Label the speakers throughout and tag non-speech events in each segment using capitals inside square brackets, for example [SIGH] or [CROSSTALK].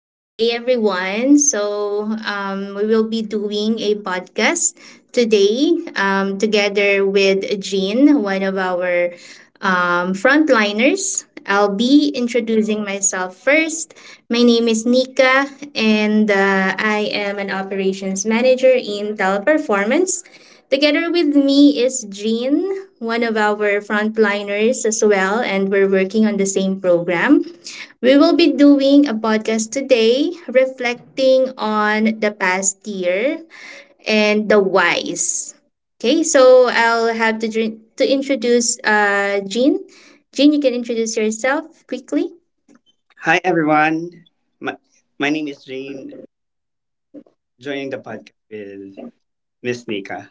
Speaker 1: Good day, everyone. We will be doing a podcast today together with Jean, one of our frontliners. I'll be introducing myself first. My name is Nika, and I am an operations manager in Teleperformance. Together with me is Jean, one of our frontliners as well, and we're working on the same program. We will be doing a podcast today reflecting on the past year and the whys. Okay, so I'll have to introduce Jean. Jean, you can introduce yourself quickly.
Speaker 2: Hi, everyone. My, my name is Jane, joining the podcast with Miss Nika.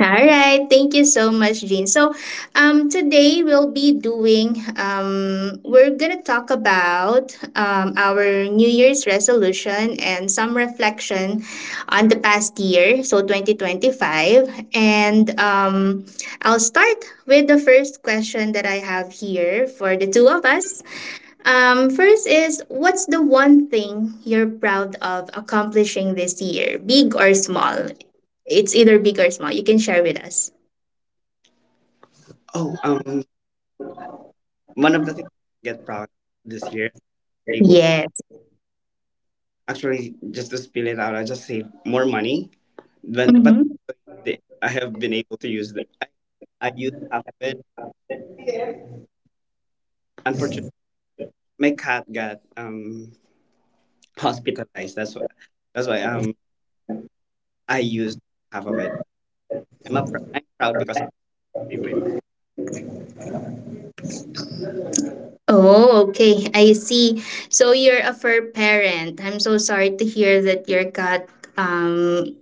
Speaker 1: All right, thank you so much, Jean. Today we'll be doing we're gonna talk about our New Year's resolution and some reflection on the past year, so 2025. And I'll start with the first question that I have here for the two of us. First is what's the one thing you're proud of accomplishing this year, big or small? It's either big or small. You can share with us.
Speaker 2: Oh, um, one of the things I get proud this year, able
Speaker 1: Yes.
Speaker 2: actually just to spill it out, I just save more money, but
Speaker 1: Mm-hmm.
Speaker 2: the, I have been able to use the I used half of it. Unfortunately, my cat got hospitalized. That's why I used half of it. I'm proud because I saved my.
Speaker 1: Oh, okay. I see. So you're a fur parent. I'm so sorry to hear that your cat um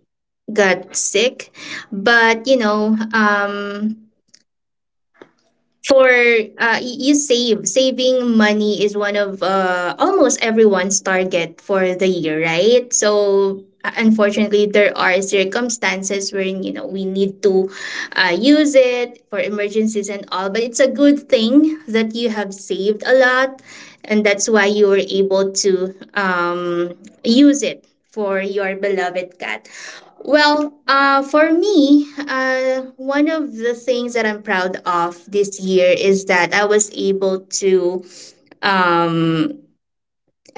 Speaker 1: got sick. But for you save saving money is one of almost everyone's target for the year, right? So unfortunately there are circumstances wherein you know we need to use it for emergencies and all, but it's a good thing that you have saved a lot and that's why you were able to use it for your beloved cat. Well, for me, one of the things that I'm proud of this year is that I was able to um,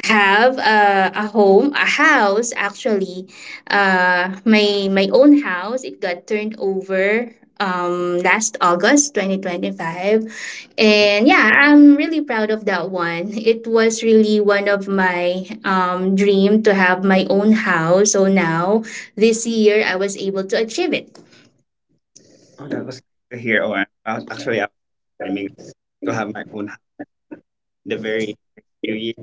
Speaker 1: have a home, a house actually. My own house. It got turned over last August 2025. And yeah, I'm really proud of that one. It was really one of my dream to have my own house. So now this year I was able to achieve it.
Speaker 2: Oh, that was here. Actually I was to have my own house the very next few years.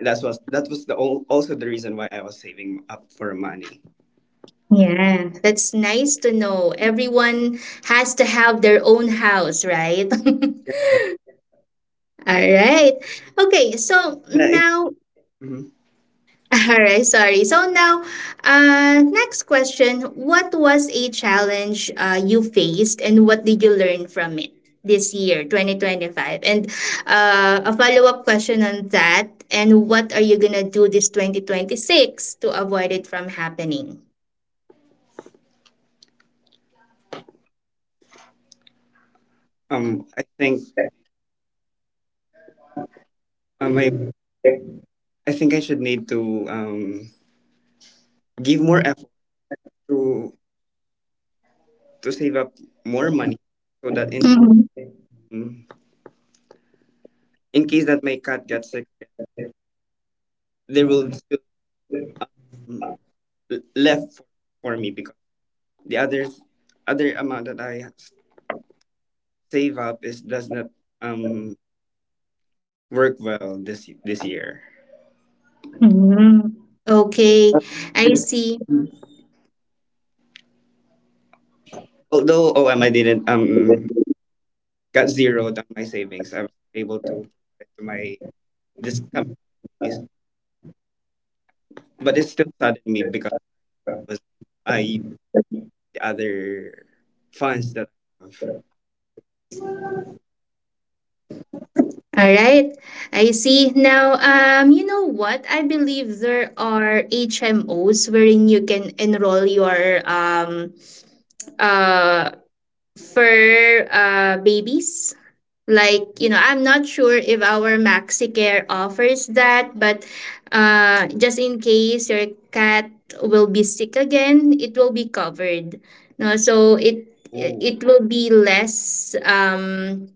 Speaker 2: That was also the reason why I was saving up for money.
Speaker 1: Yeah, that's nice to know. Everyone has to have their own house, right? [LAUGHS]
Speaker 2: Uh,
Speaker 1: All right. Okay, so
Speaker 2: and I,
Speaker 1: now,
Speaker 2: mhm.
Speaker 1: [LAUGHS] all right, sorry. So now, next question. What was a challenge you faced and what did you learn from it this year, 2025? And a follow up question on that. And what are you going to do this 2026 to avoid it from happening?
Speaker 2: I think um, I, I think I should need to give more effort to to save up more money so that
Speaker 1: Mhm.
Speaker 2: in case that my cat gets sick, there will still mm, left for me because the other amount that I save up is does not um work well this this year.
Speaker 1: Mhm. Okay, I see.
Speaker 2: Although OM, I didn't got zeroed on my savings. I was able to provide to my this coming days, but it still saddened me because it was I used the other funds that I have.
Speaker 1: All right, I see. Now, you know what? I believe there are HMOs wherein you can enroll your uh fur babies. Like you know, I'm not sure if our MaxiCare offers that, but just in case your cat will be sick again, it will be covered. No, so it
Speaker 2: Oh,
Speaker 1: it will be less um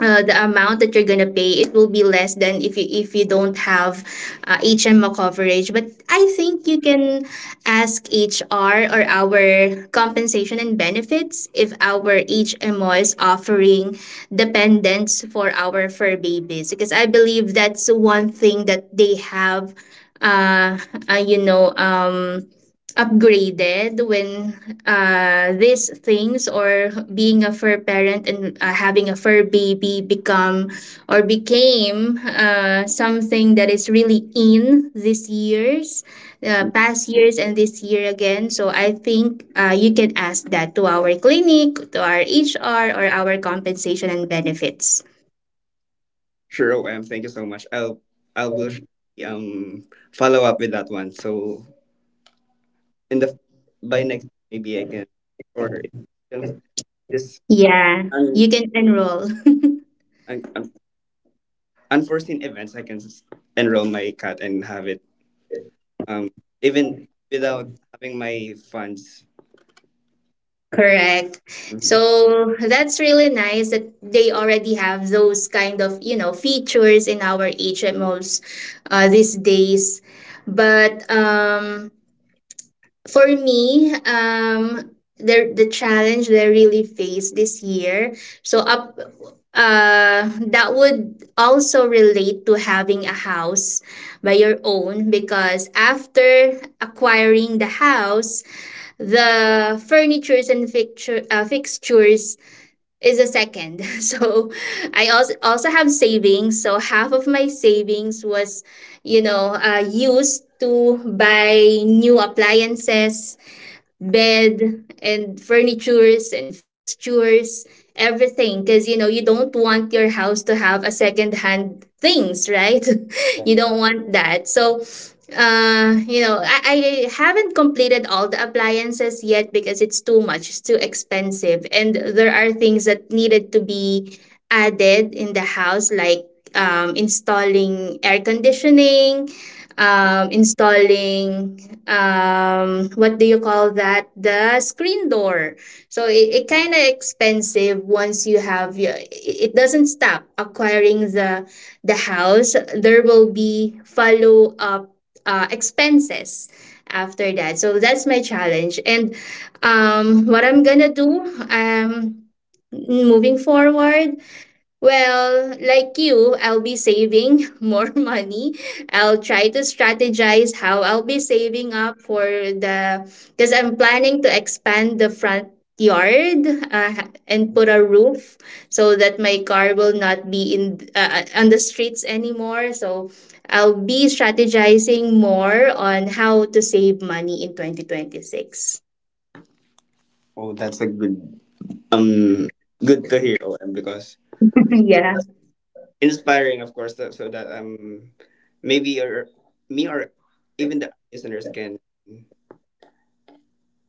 Speaker 1: uh, the amount that you're gonna pay, it will be less than if you don't have HMO coverage. But I think you can ask HR or our compensation and benefits if our HMO is offering dependents for our fur babies because I believe that's one thing that they have. Uh, you know upgraded when these things or being a fur parent and having a fur baby become or became something that is really in this year's past years and this year again, so I think you can ask that to our clinic, to our HR or our compensation and benefits.
Speaker 2: sure, OM. Thank you so much. I will surely, follow up with that one. So in the by next maybe I can or if this
Speaker 1: Yeah, you
Speaker 2: un,
Speaker 1: can enroll.
Speaker 2: un, un- unforeseen events I can enroll my cat and have it. um Even without having my funds.
Speaker 1: Correct.
Speaker 2: Mhm.
Speaker 1: So that's really nice that they already have those kind of, you know, features in our HMOs these days. But for me, the challenge they really faced this year, so up, that would also relate to having a house by your own because after acquiring the house, the furnitures and fixtures is the second. [LAUGHS] So I also have savings. So half of my savings was, you know, used to buy new appliances, bed and furnitures and fixtures, everything, because you know you don't want your house to have a second hand things, right? [LAUGHS]
Speaker 2: Yeah.
Speaker 1: You don't want that. So you know I haven't completed all the appliances yet because it's too much, it's too expensive, and there are things that needed to be added in the house, like installing air conditioning, installing what do you call that, the screen door. So it kind of expensive once you have your, it doesn't stop acquiring the house, there will be follow up expenses after that. So that's my challenge. And what I'm gonna do um, moving forward, well, like you, I'll be saving [LAUGHS] more money. I'll try to strategize how I'll be saving up for the because I'm planning to expand the front yard and put a roof so that my car will not be in on the streets anymore. So I'll be strategizing more on how to save money in 2026.
Speaker 2: Oh, that's a good um good to hear, OM, because
Speaker 1: [LAUGHS] Yeah.
Speaker 2: that's inspiring of course that, so that maybe or me or even the listeners can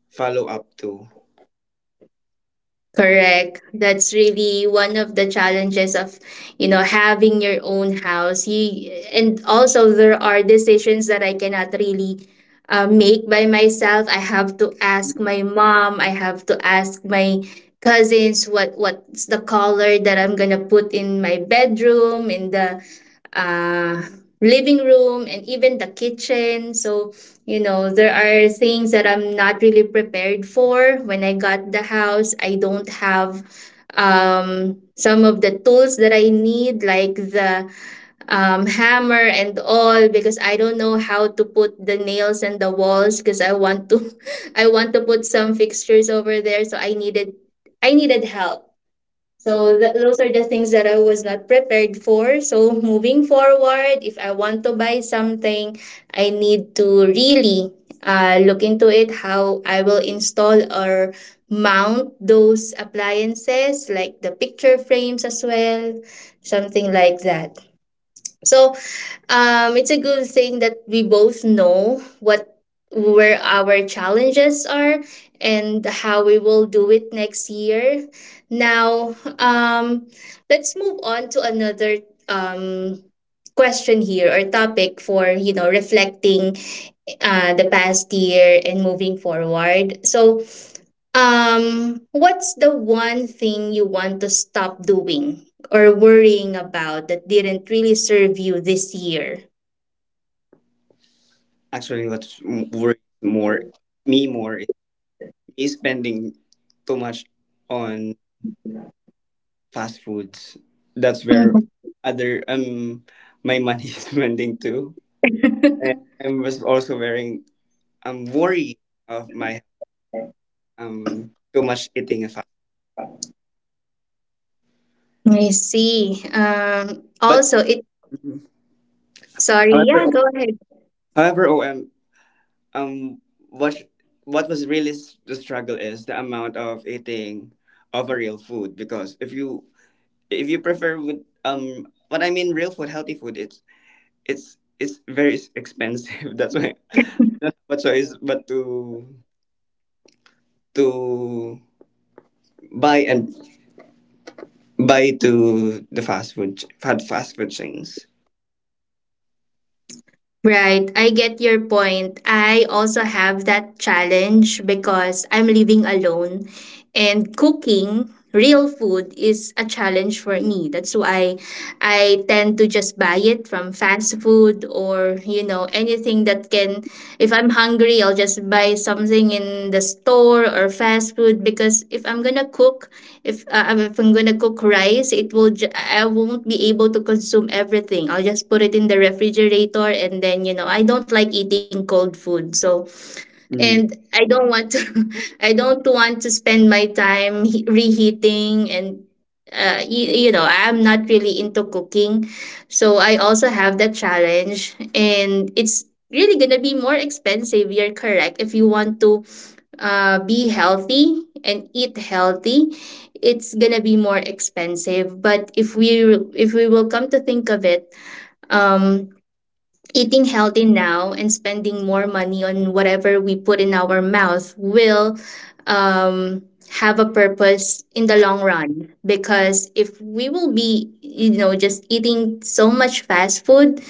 Speaker 2: follow up to
Speaker 1: Correct. That's really one of the challenges of, you know, having your own house. You and also there are decisions that I cannot really make by myself. I have to ask my mom. I have to ask my cousins what's the color that I'm gonna put in my bedroom, in the uh, living room, and even the kitchen. So, you know, there are things that I'm not really prepared for. When I got the house, I don't have some of the tools that I need, like the hammer and all, because I don't know how to put the nails and the walls because I want to, [LAUGHS] I want to put some fixtures over there. So I needed help. So those are the things that I was not prepared for. So moving forward, if I want to buy something, I need to really look into it, how I will install or mount those appliances like the picture frames as well, something like that. So it's a good thing that we both know what where our challenges are and how we will do it next year. Now, let's move on to another question here or topic for you know reflecting the past year and moving forward. So, what's the one thing you want to stop doing or worrying about that didn't really serve you this year?
Speaker 2: actually what's m- worries more me more is me spending too much on fast foods. That's where other my money [LAUGHS] is spending too, and I'm was also very I'm worried of my too much eating if I
Speaker 1: I see.
Speaker 2: but
Speaker 1: Also, it.
Speaker 2: Mhm.
Speaker 1: Sorry. Yeah,
Speaker 2: however
Speaker 1: go ahead.
Speaker 2: however OM, um what what was really the struggle is the amount of eating of a real food because if you prefer with what I mean real food healthy food it's very expensive [LAUGHS] that's why I
Speaker 1: [LAUGHS]
Speaker 2: don't have a choice but to buy and buy to the fast food chains.
Speaker 1: Right, I get your point. I also have that challenge because I'm living alone and cooking real food is a challenge for me. That's why I tend to just buy it from fast food or, you know, anything that can, if I'm hungry, I'll just buy something in the store or fast food because if I'm gonna cook, if if I'm gonna cook rice, it will I won't be able to consume everything. I'll just put it in the refrigerator, and then you know I don't like eating cold food. So and
Speaker 2: Mm.
Speaker 1: I don't want to [LAUGHS] I don't want to spend my time reheating and you know I'm not really into cooking. So I also have that challenge and it's really gonna be more expensive, you're correct. If you want to be healthy and eat healthy, it's gonna be more expensive, but if we will come to think of it, um, eating healthy now and spending more money on whatever we put in our mouth will um, have a purpose in the long run, because if we will be you know just eating so much fast food,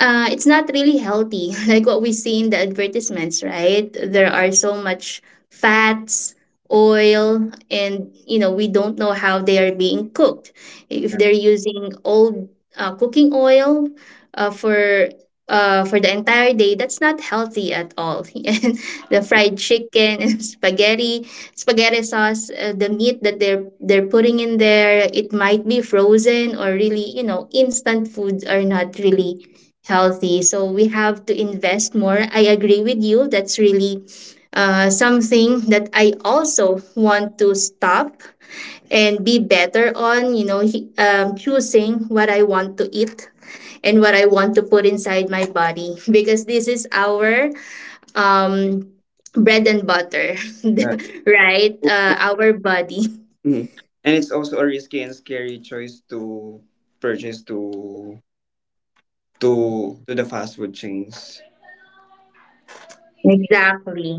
Speaker 1: it's not really healthy, [LAUGHS] like what we see in the advertisements, right? There are so much fats, oil, and you know we don't know how they are being cooked. If they're using old cooking oil uh, for for the entire day, that's not healthy at all. [LAUGHS] And the fried chicken and [LAUGHS] spaghetti, spaghetti sauce, the meat that they're putting in there, it might be frozen or really, you know, instant foods are not really healthy. So we have to invest more. I agree with you. That's really something that I also want to stop and be better on, you know, choosing what I want to eat and what I want to put inside my body because this is our um, bread and butter, [LAUGHS] right? Our body.
Speaker 2: Mm. And it's also a risky and scary choice to purchase to to the fast food chains.
Speaker 1: Exactly.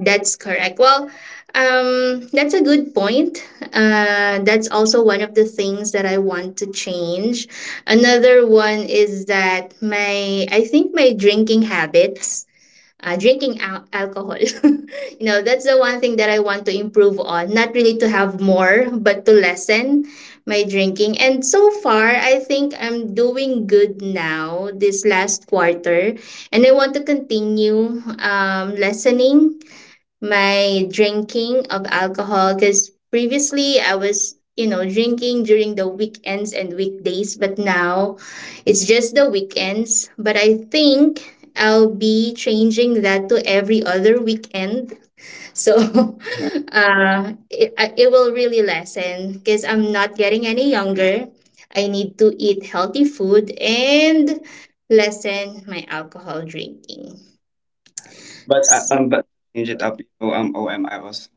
Speaker 1: That's correct. Well, that's a good point. That's also one of the things that I want to change. Another one is that my, I think my drinking habits, drinking alcohol, [LAUGHS] you know, that's the one thing that I want to improve on. Not really to have more, but to lessen my drinking. And so far, I think I'm doing good now this last quarter. And I want to continue lessening my drinking of alcohol because previously I was, you know, drinking during the weekends and weekdays, but now it's just the weekends. But I think I'll be changing that to every other weekend. So [LAUGHS]
Speaker 2: Yeah.
Speaker 1: it will really lessen because I'm not getting any younger. I need to eat healthy food and lessen my alcohol drinking.
Speaker 2: But change it up. You know, OM, I was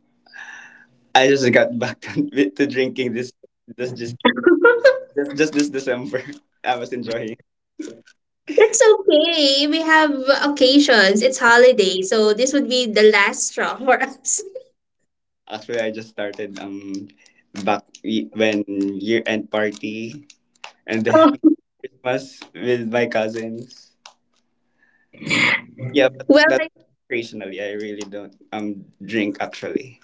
Speaker 2: I just got back [LAUGHS] to drinking this this just
Speaker 1: [LAUGHS]
Speaker 2: just this December. [LAUGHS] I was enjoying.
Speaker 1: It's okay. We have occasions. It's holiday, so this would be the last straw for us.
Speaker 2: Actually, I just started back when year end party and then [LAUGHS]
Speaker 1: [LAUGHS]
Speaker 2: Christmas with my cousins. Yeah, but
Speaker 1: Well,
Speaker 2: that's
Speaker 1: I,
Speaker 2: occasionally. I really don't drink actually.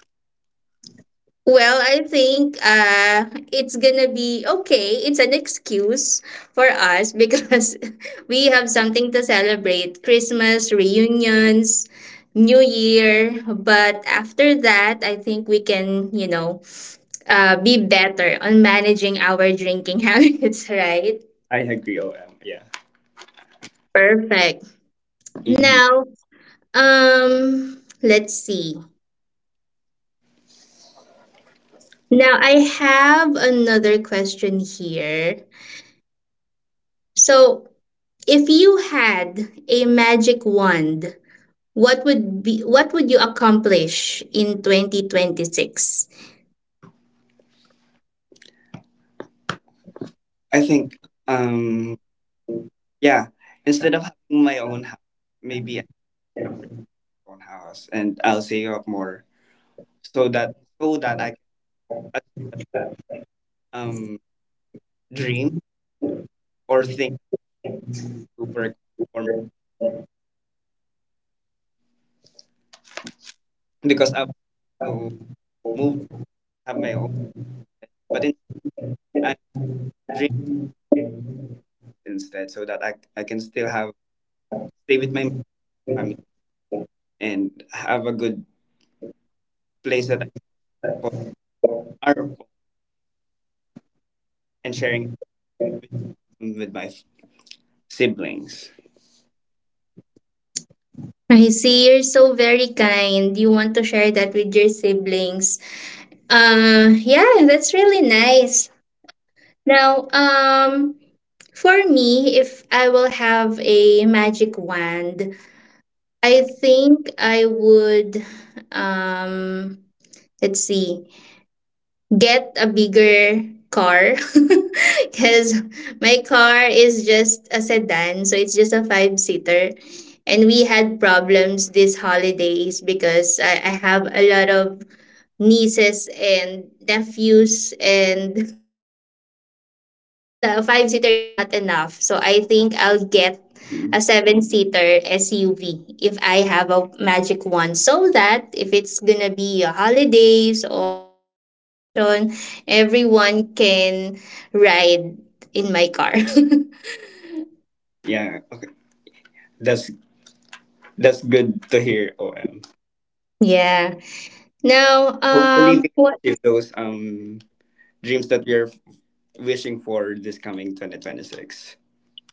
Speaker 1: well, I think it's gonna be okay. It's an excuse for us because [LAUGHS] we have something to celebrate: Christmas reunions, New Year. But after that, I think we can, you know, be better on managing our drinking [LAUGHS] habits. Right?
Speaker 2: I agree. OM. Yeah.
Speaker 1: Perfect.
Speaker 2: Mhm.
Speaker 1: Now, let's see. Now I have another question here. So, if you had a magic wand, what would you accomplish in 2026?
Speaker 2: I think. Um. Yeah. Instead of having my own house, maybe I have my own house, and I'll save up more so that so that I can um dream or think to work for my, because I want to move have my own, but in, I dream instead so that I can still have stay with my family and have a good place that I call our home and sharing it with my siblings.
Speaker 1: I see you're so very kind. You want to share that with your siblings. Yeah, that's really nice. Now, for me, if I will have a magic wand, I think I would um let's see get a bigger car [LAUGHS] because my car is just a sedan, so it's just a 5 seater. And we had problems these holidays because I have a lot of nieces and nephews and [LAUGHS] you know it's not a 5 seater is not enough. So I think I'll get
Speaker 2: Mm.
Speaker 1: a 7 seater SUV if I have a magic one, so that if it's gonna be a holidays or if there are occasion everyone can ride in my car.
Speaker 2: Yeah. That's that's good to hear, OM.
Speaker 1: [LAUGHS] Yeah. Now
Speaker 2: Hopefully, we can
Speaker 1: what?
Speaker 2: achieve those dreams that we are wishing for this coming 2026.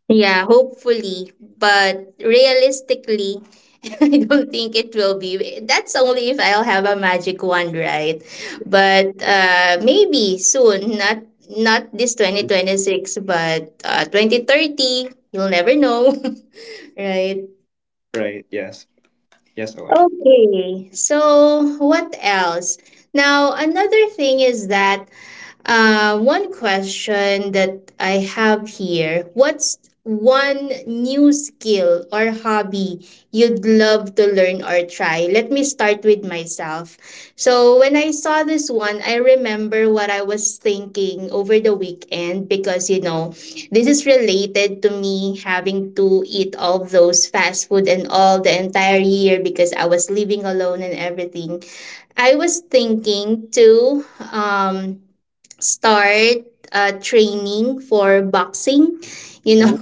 Speaker 1: Yeah, hopefully, but realistically, [LAUGHS] I don't think it will be. That's only if I'll have a magic wand, right? But maybe soon, not this 2026, but 2030. You'll never know, [LAUGHS] right?
Speaker 2: Right? Yes. Yes, OM.
Speaker 1: Okay, so what else? Now, another thing is that one question that I have here what's one new skill or hobby you'd love to learn or try? Let me start with myself. So, when I saw this one, I remember what I was thinking over the weekend because, you know, this is related to me having to eat all those fast food and all the entire year because I was living alone and everything. I was thinking to um start training for boxing. You know,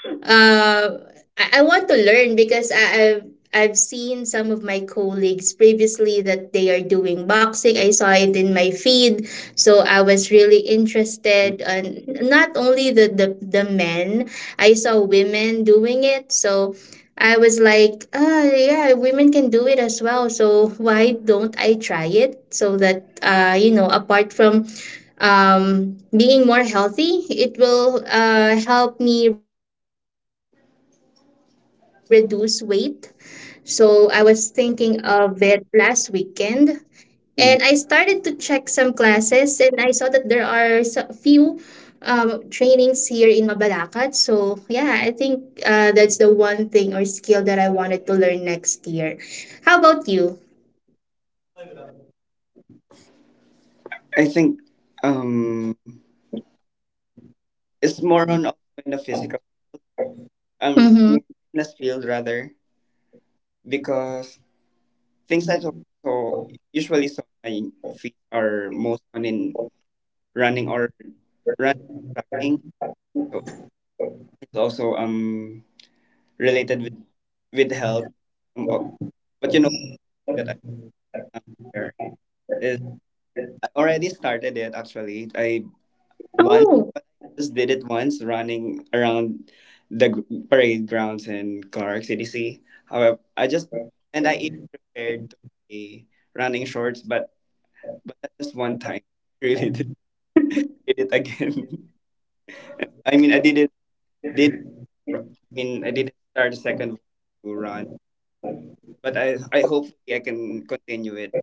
Speaker 1: [LAUGHS] uh, I want to learn because I've seen some of my colleagues previously that they are doing boxing. I saw it in my feed, so I was really interested. And not only the men, I saw women doing it. So. I was like, ah, yeah, women can do it as well. So why don't I try it? So that, you know, apart from being more healthy it will help me reduce weight. So I was thinking of it last weekend and I started to check some
Speaker 2: Mm.
Speaker 1: classes and I saw that there are so few trainings here in Mabalacat. So yeah, I think that's the one thing or skill that I wanted to learn next year. How about you?
Speaker 2: I think um it's more on also in the physical I
Speaker 1: Mm-hmm.
Speaker 2: mean, fitness field rather because things I also usually saw my feet are most on in running or running tracking. So it's also related with health. Um, oh, but you know that I um, share is I already started it actually. I once
Speaker 1: Oh.
Speaker 2: just did it once running around the parade grounds in Clark CDC. However, I just and I even prepared to be running shorts, but that's just one time. [LAUGHS] Really did it again. [LAUGHS] I mean, I didn't did. I mean, I didn't start a second to run, but I hopefully I can continue it.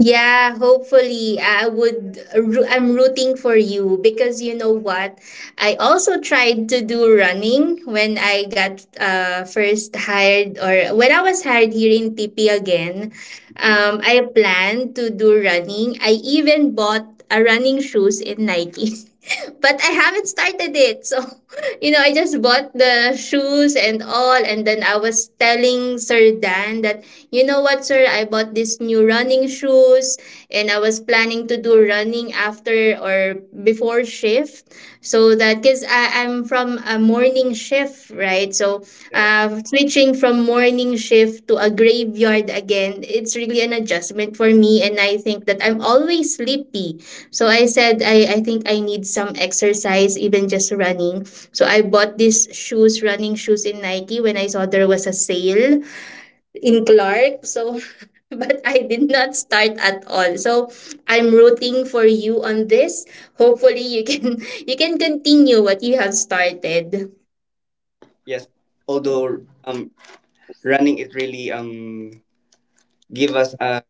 Speaker 1: Yeah, hopefully I'm rooting for you because you know what? I also tried to do running when I got first hired or when I was hired here in TP again.
Speaker 2: Mhm.
Speaker 1: I planned to do running. I even bought a running shoes in Nike. [LAUGHS] But I haven't started it. So, [LAUGHS] you know, I just bought the shoes and all, and then I was telling Sir Dan that you know what, sir? I bought these new running shoes and I was planning to do running after or before shift. So that, because I'm from a morning shift, right? So
Speaker 2: Yeah.
Speaker 1: switching from morning shift to a graveyard again, it's really an adjustment for me. And I think that I'm always sleepy. So I said, I think I need some exercise, even just running. So I bought these shoes, running shoes in Nike when I saw there was a sale. In Clark. So, [LAUGHS] but I did not start at all. So, I'm rooting for you on this. Hopefully, you can [LAUGHS] you can continue what you have started.
Speaker 2: Yes, although running it really give us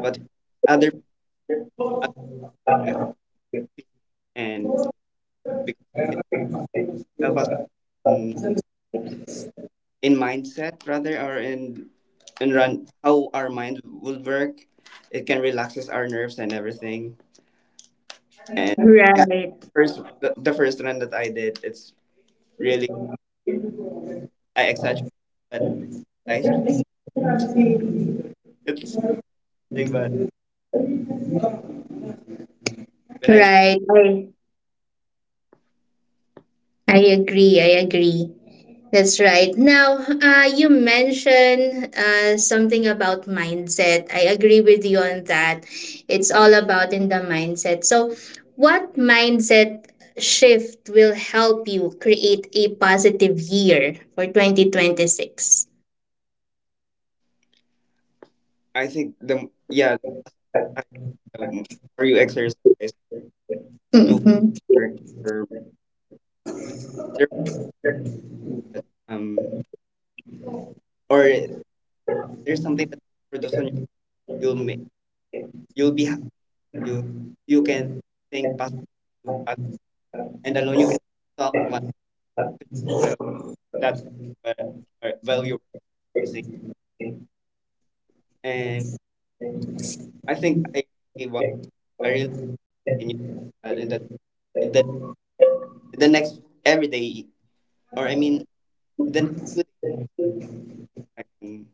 Speaker 2: what other other and because it help us in, in mindset rather or in and run how our mind will work. It can relaxes our nerves and everything. And yeah,
Speaker 1: Right.
Speaker 2: first the first run that I did, it's really I exaggerated, but nice. [LAUGHS] It's thing, but when I tr-
Speaker 1: Right. I agree. I agree. That's right. Now, you mentioned something about mindset. I agree with you on that. It's all about in the mindset. So, what mindset shift will help you create a positive year for 2026?
Speaker 2: I think the yeah I, the more you exercise, do work There there um or there's something that for those one you'll make you'll be happy. You you can think positive uh, and alone you can talk much so that uh, value recognizing. And I think I really want I really continue that in the next every day or I mean the next few days I can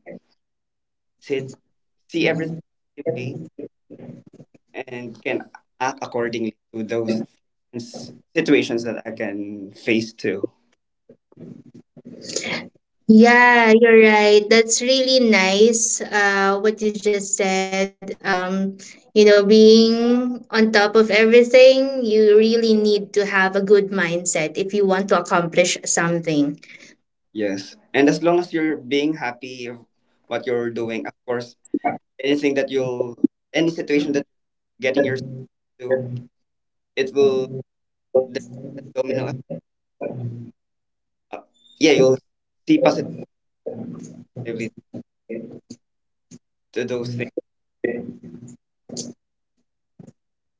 Speaker 2: sit see everything positively and can act accordingly to those situations that I can face too.
Speaker 1: Yeah, you're right. That's really nice, what you just said. You know, being on top of everything, you really need to have a good mindset if you want to accomplish something.
Speaker 2: Yes. And as long as you're being happy of what you're doing, of course, anything that you'll, any situation that you're getting yourself to, it will, the domino effect. Uh, yeah, you'll see positively to those things.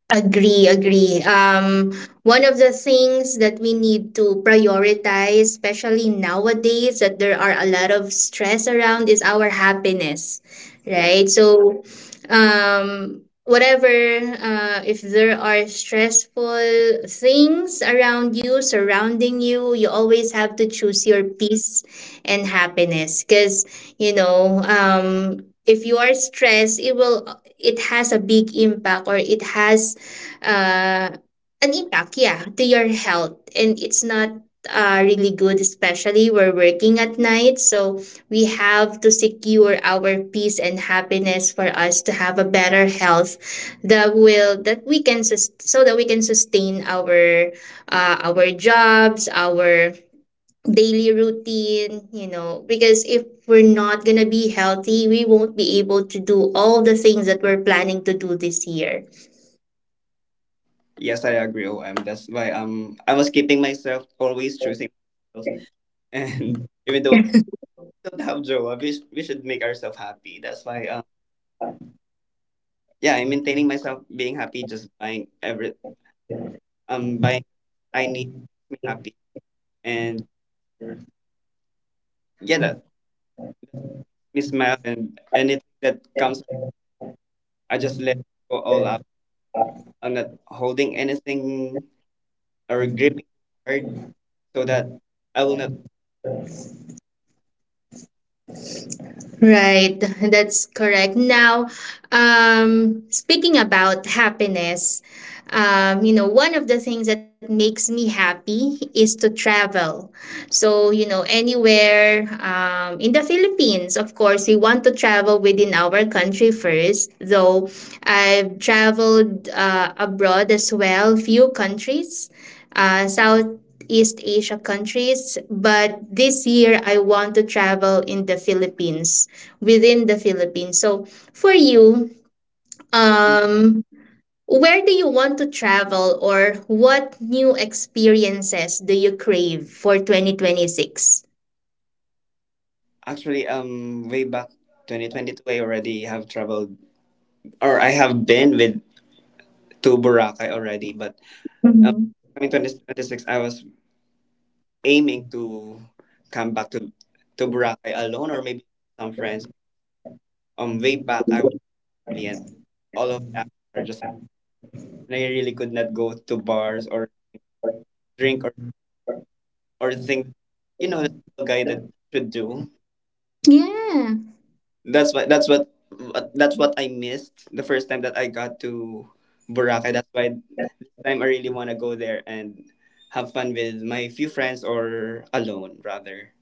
Speaker 1: Agree, agree. One of the things that we need to prioritize, especially nowadays that there are a lot of stress around, is our happiness,
Speaker 2: Yeah.
Speaker 1: right? So, um, whatever, if there are stressful things around you, surrounding you, you always have to choose your peace and happiness because, you know, if you are stressed, it has a big impact or it has uh, an impact, yeah, to your health. And it's not really good, especially we're working at night. So we have to secure our peace and happiness for us to have a better health that will that we can sus- so that we can sustain our jobs, our daily routine, you know, because if we're not going to be healthy, we won't be able to do all the things that we're planning to do this year.
Speaker 2: Yes, I agree, OM. That's why I was keeping myself, always choosing myself. [LAUGHS] And even though we don't have joy, we should make ourselves happy. That's why yeah, I'm maintaining myself being happy just buying every buying I need me happy and yeah that me smile and anything that comes I just let go all out. I'm not holding anything or gripping hard so that I will not
Speaker 1: Right, [LAUGHS] that's correct. Now, speaking about happiness, you know, one of the things that makes me happy is to travel. So, you know, anywhere in the Philippines, of course, we want to travel within our country first, though I've traveled abroad as well, few countries, South East Asia countries, but this year I want to travel in the Philippines. Within the Philippines. So, for you, um, where do you want to travel or what new experiences do you crave for 2026?
Speaker 2: actually way back 2022 I already have traveled or I have been with to Boracay already but um
Speaker 1: Mhm.
Speaker 2: coming 2026 I was aiming to come back to Boracay alone or maybe some friends. Way back I was really and all of my actions are just and I really could not go to bars or drink or things. You know the single guy that should do.
Speaker 1: Yeah.
Speaker 2: That's what that's what that's what I missed the first time that I got to Boracay. That's why this time I really want to go there and have fun with my few friends or alone rather.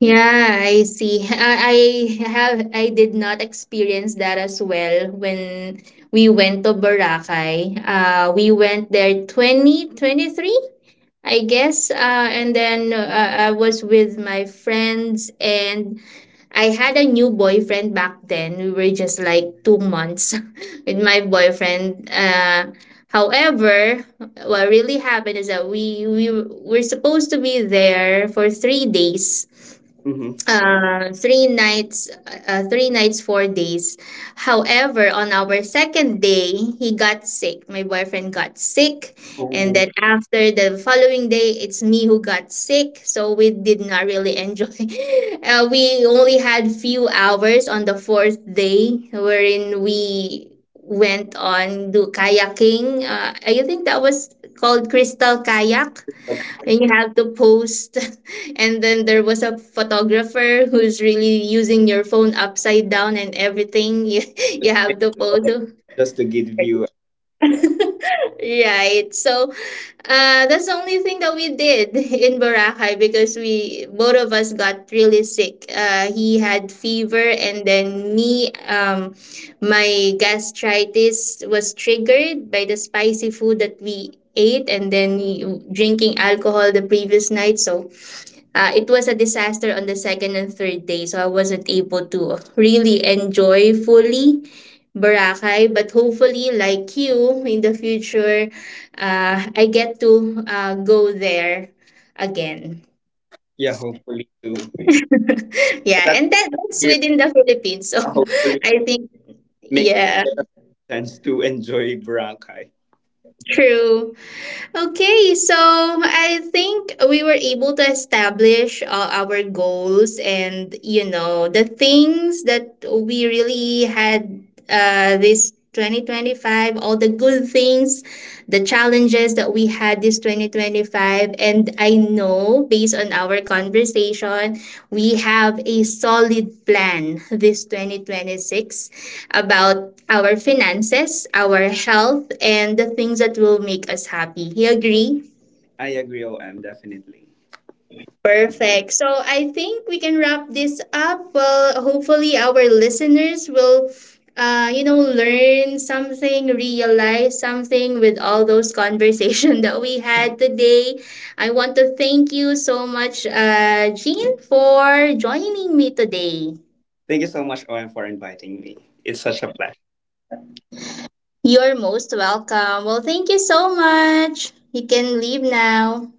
Speaker 1: Yeah, I see. I did not experience that as well when we went to Boracay. We went there 2023, I guess. And then I was with my friends and I had a new boyfriend back then. We were just like 2 months [LAUGHS] with my boyfriend. However, what really happened is that we were supposed to be there for 3 days,
Speaker 2: Mm-hmm.
Speaker 1: 3 nights, 4 days. However, on our second day, he got sick. My boyfriend got sick, and
Speaker 2: Oh,
Speaker 1: then after the following day, it's me who got sick. So we did not really enjoy. [LAUGHS] We only had few hours on the fourth day, wherein we went on do kayaking. I think that was called Crystal Kayak and you have to post [LAUGHS] and then there was a photographer who's really using your phone upside down and everything [LAUGHS] you have
Speaker 2: okay.
Speaker 1: to post
Speaker 2: Just to give you
Speaker 1: [LAUGHS] right. So that's the only thing that we did in Boracay because we both of us got really sick. He had fever and then me, my gastritis was triggered by the spicy food that we ate and then drinking alcohol the previous night. So it was a disaster on the second and third day, so I wasn't able to really enjoy fully Boracay. But hopefully, like you, in the future, I get to go there again.
Speaker 2: yeah, hopefully to.
Speaker 1: [LAUGHS]
Speaker 2: But
Speaker 1: Yeah,
Speaker 2: that's
Speaker 1: and that's
Speaker 2: here.
Speaker 1: within the Philippines, so
Speaker 2: Hopefully
Speaker 1: [LAUGHS] I think,
Speaker 2: make
Speaker 1: yeah,
Speaker 2: chance to enjoy Boracay.
Speaker 1: true. Okay, so I think we were able to establish our goals and you know the things that we really had this 2025, all the good things, the challenges that we had this 2025. And I know based on our conversation we have a solid plan this 2026 about our finances, our health, and the things that will make us happy. You agree?
Speaker 2: I agree, OM, definitely.
Speaker 1: Perfect. So I think we can wrap this up. Well, hopefully our listeners will you know, learn something, realize something with all those conversation [LAUGHS] that we had today. I want to thank you so much, Jean, for joining me today.
Speaker 2: Thank you so much, OM, for inviting me. It's such a pleasure.
Speaker 1: You're most welcome. Well, thank you so much. You can leave now.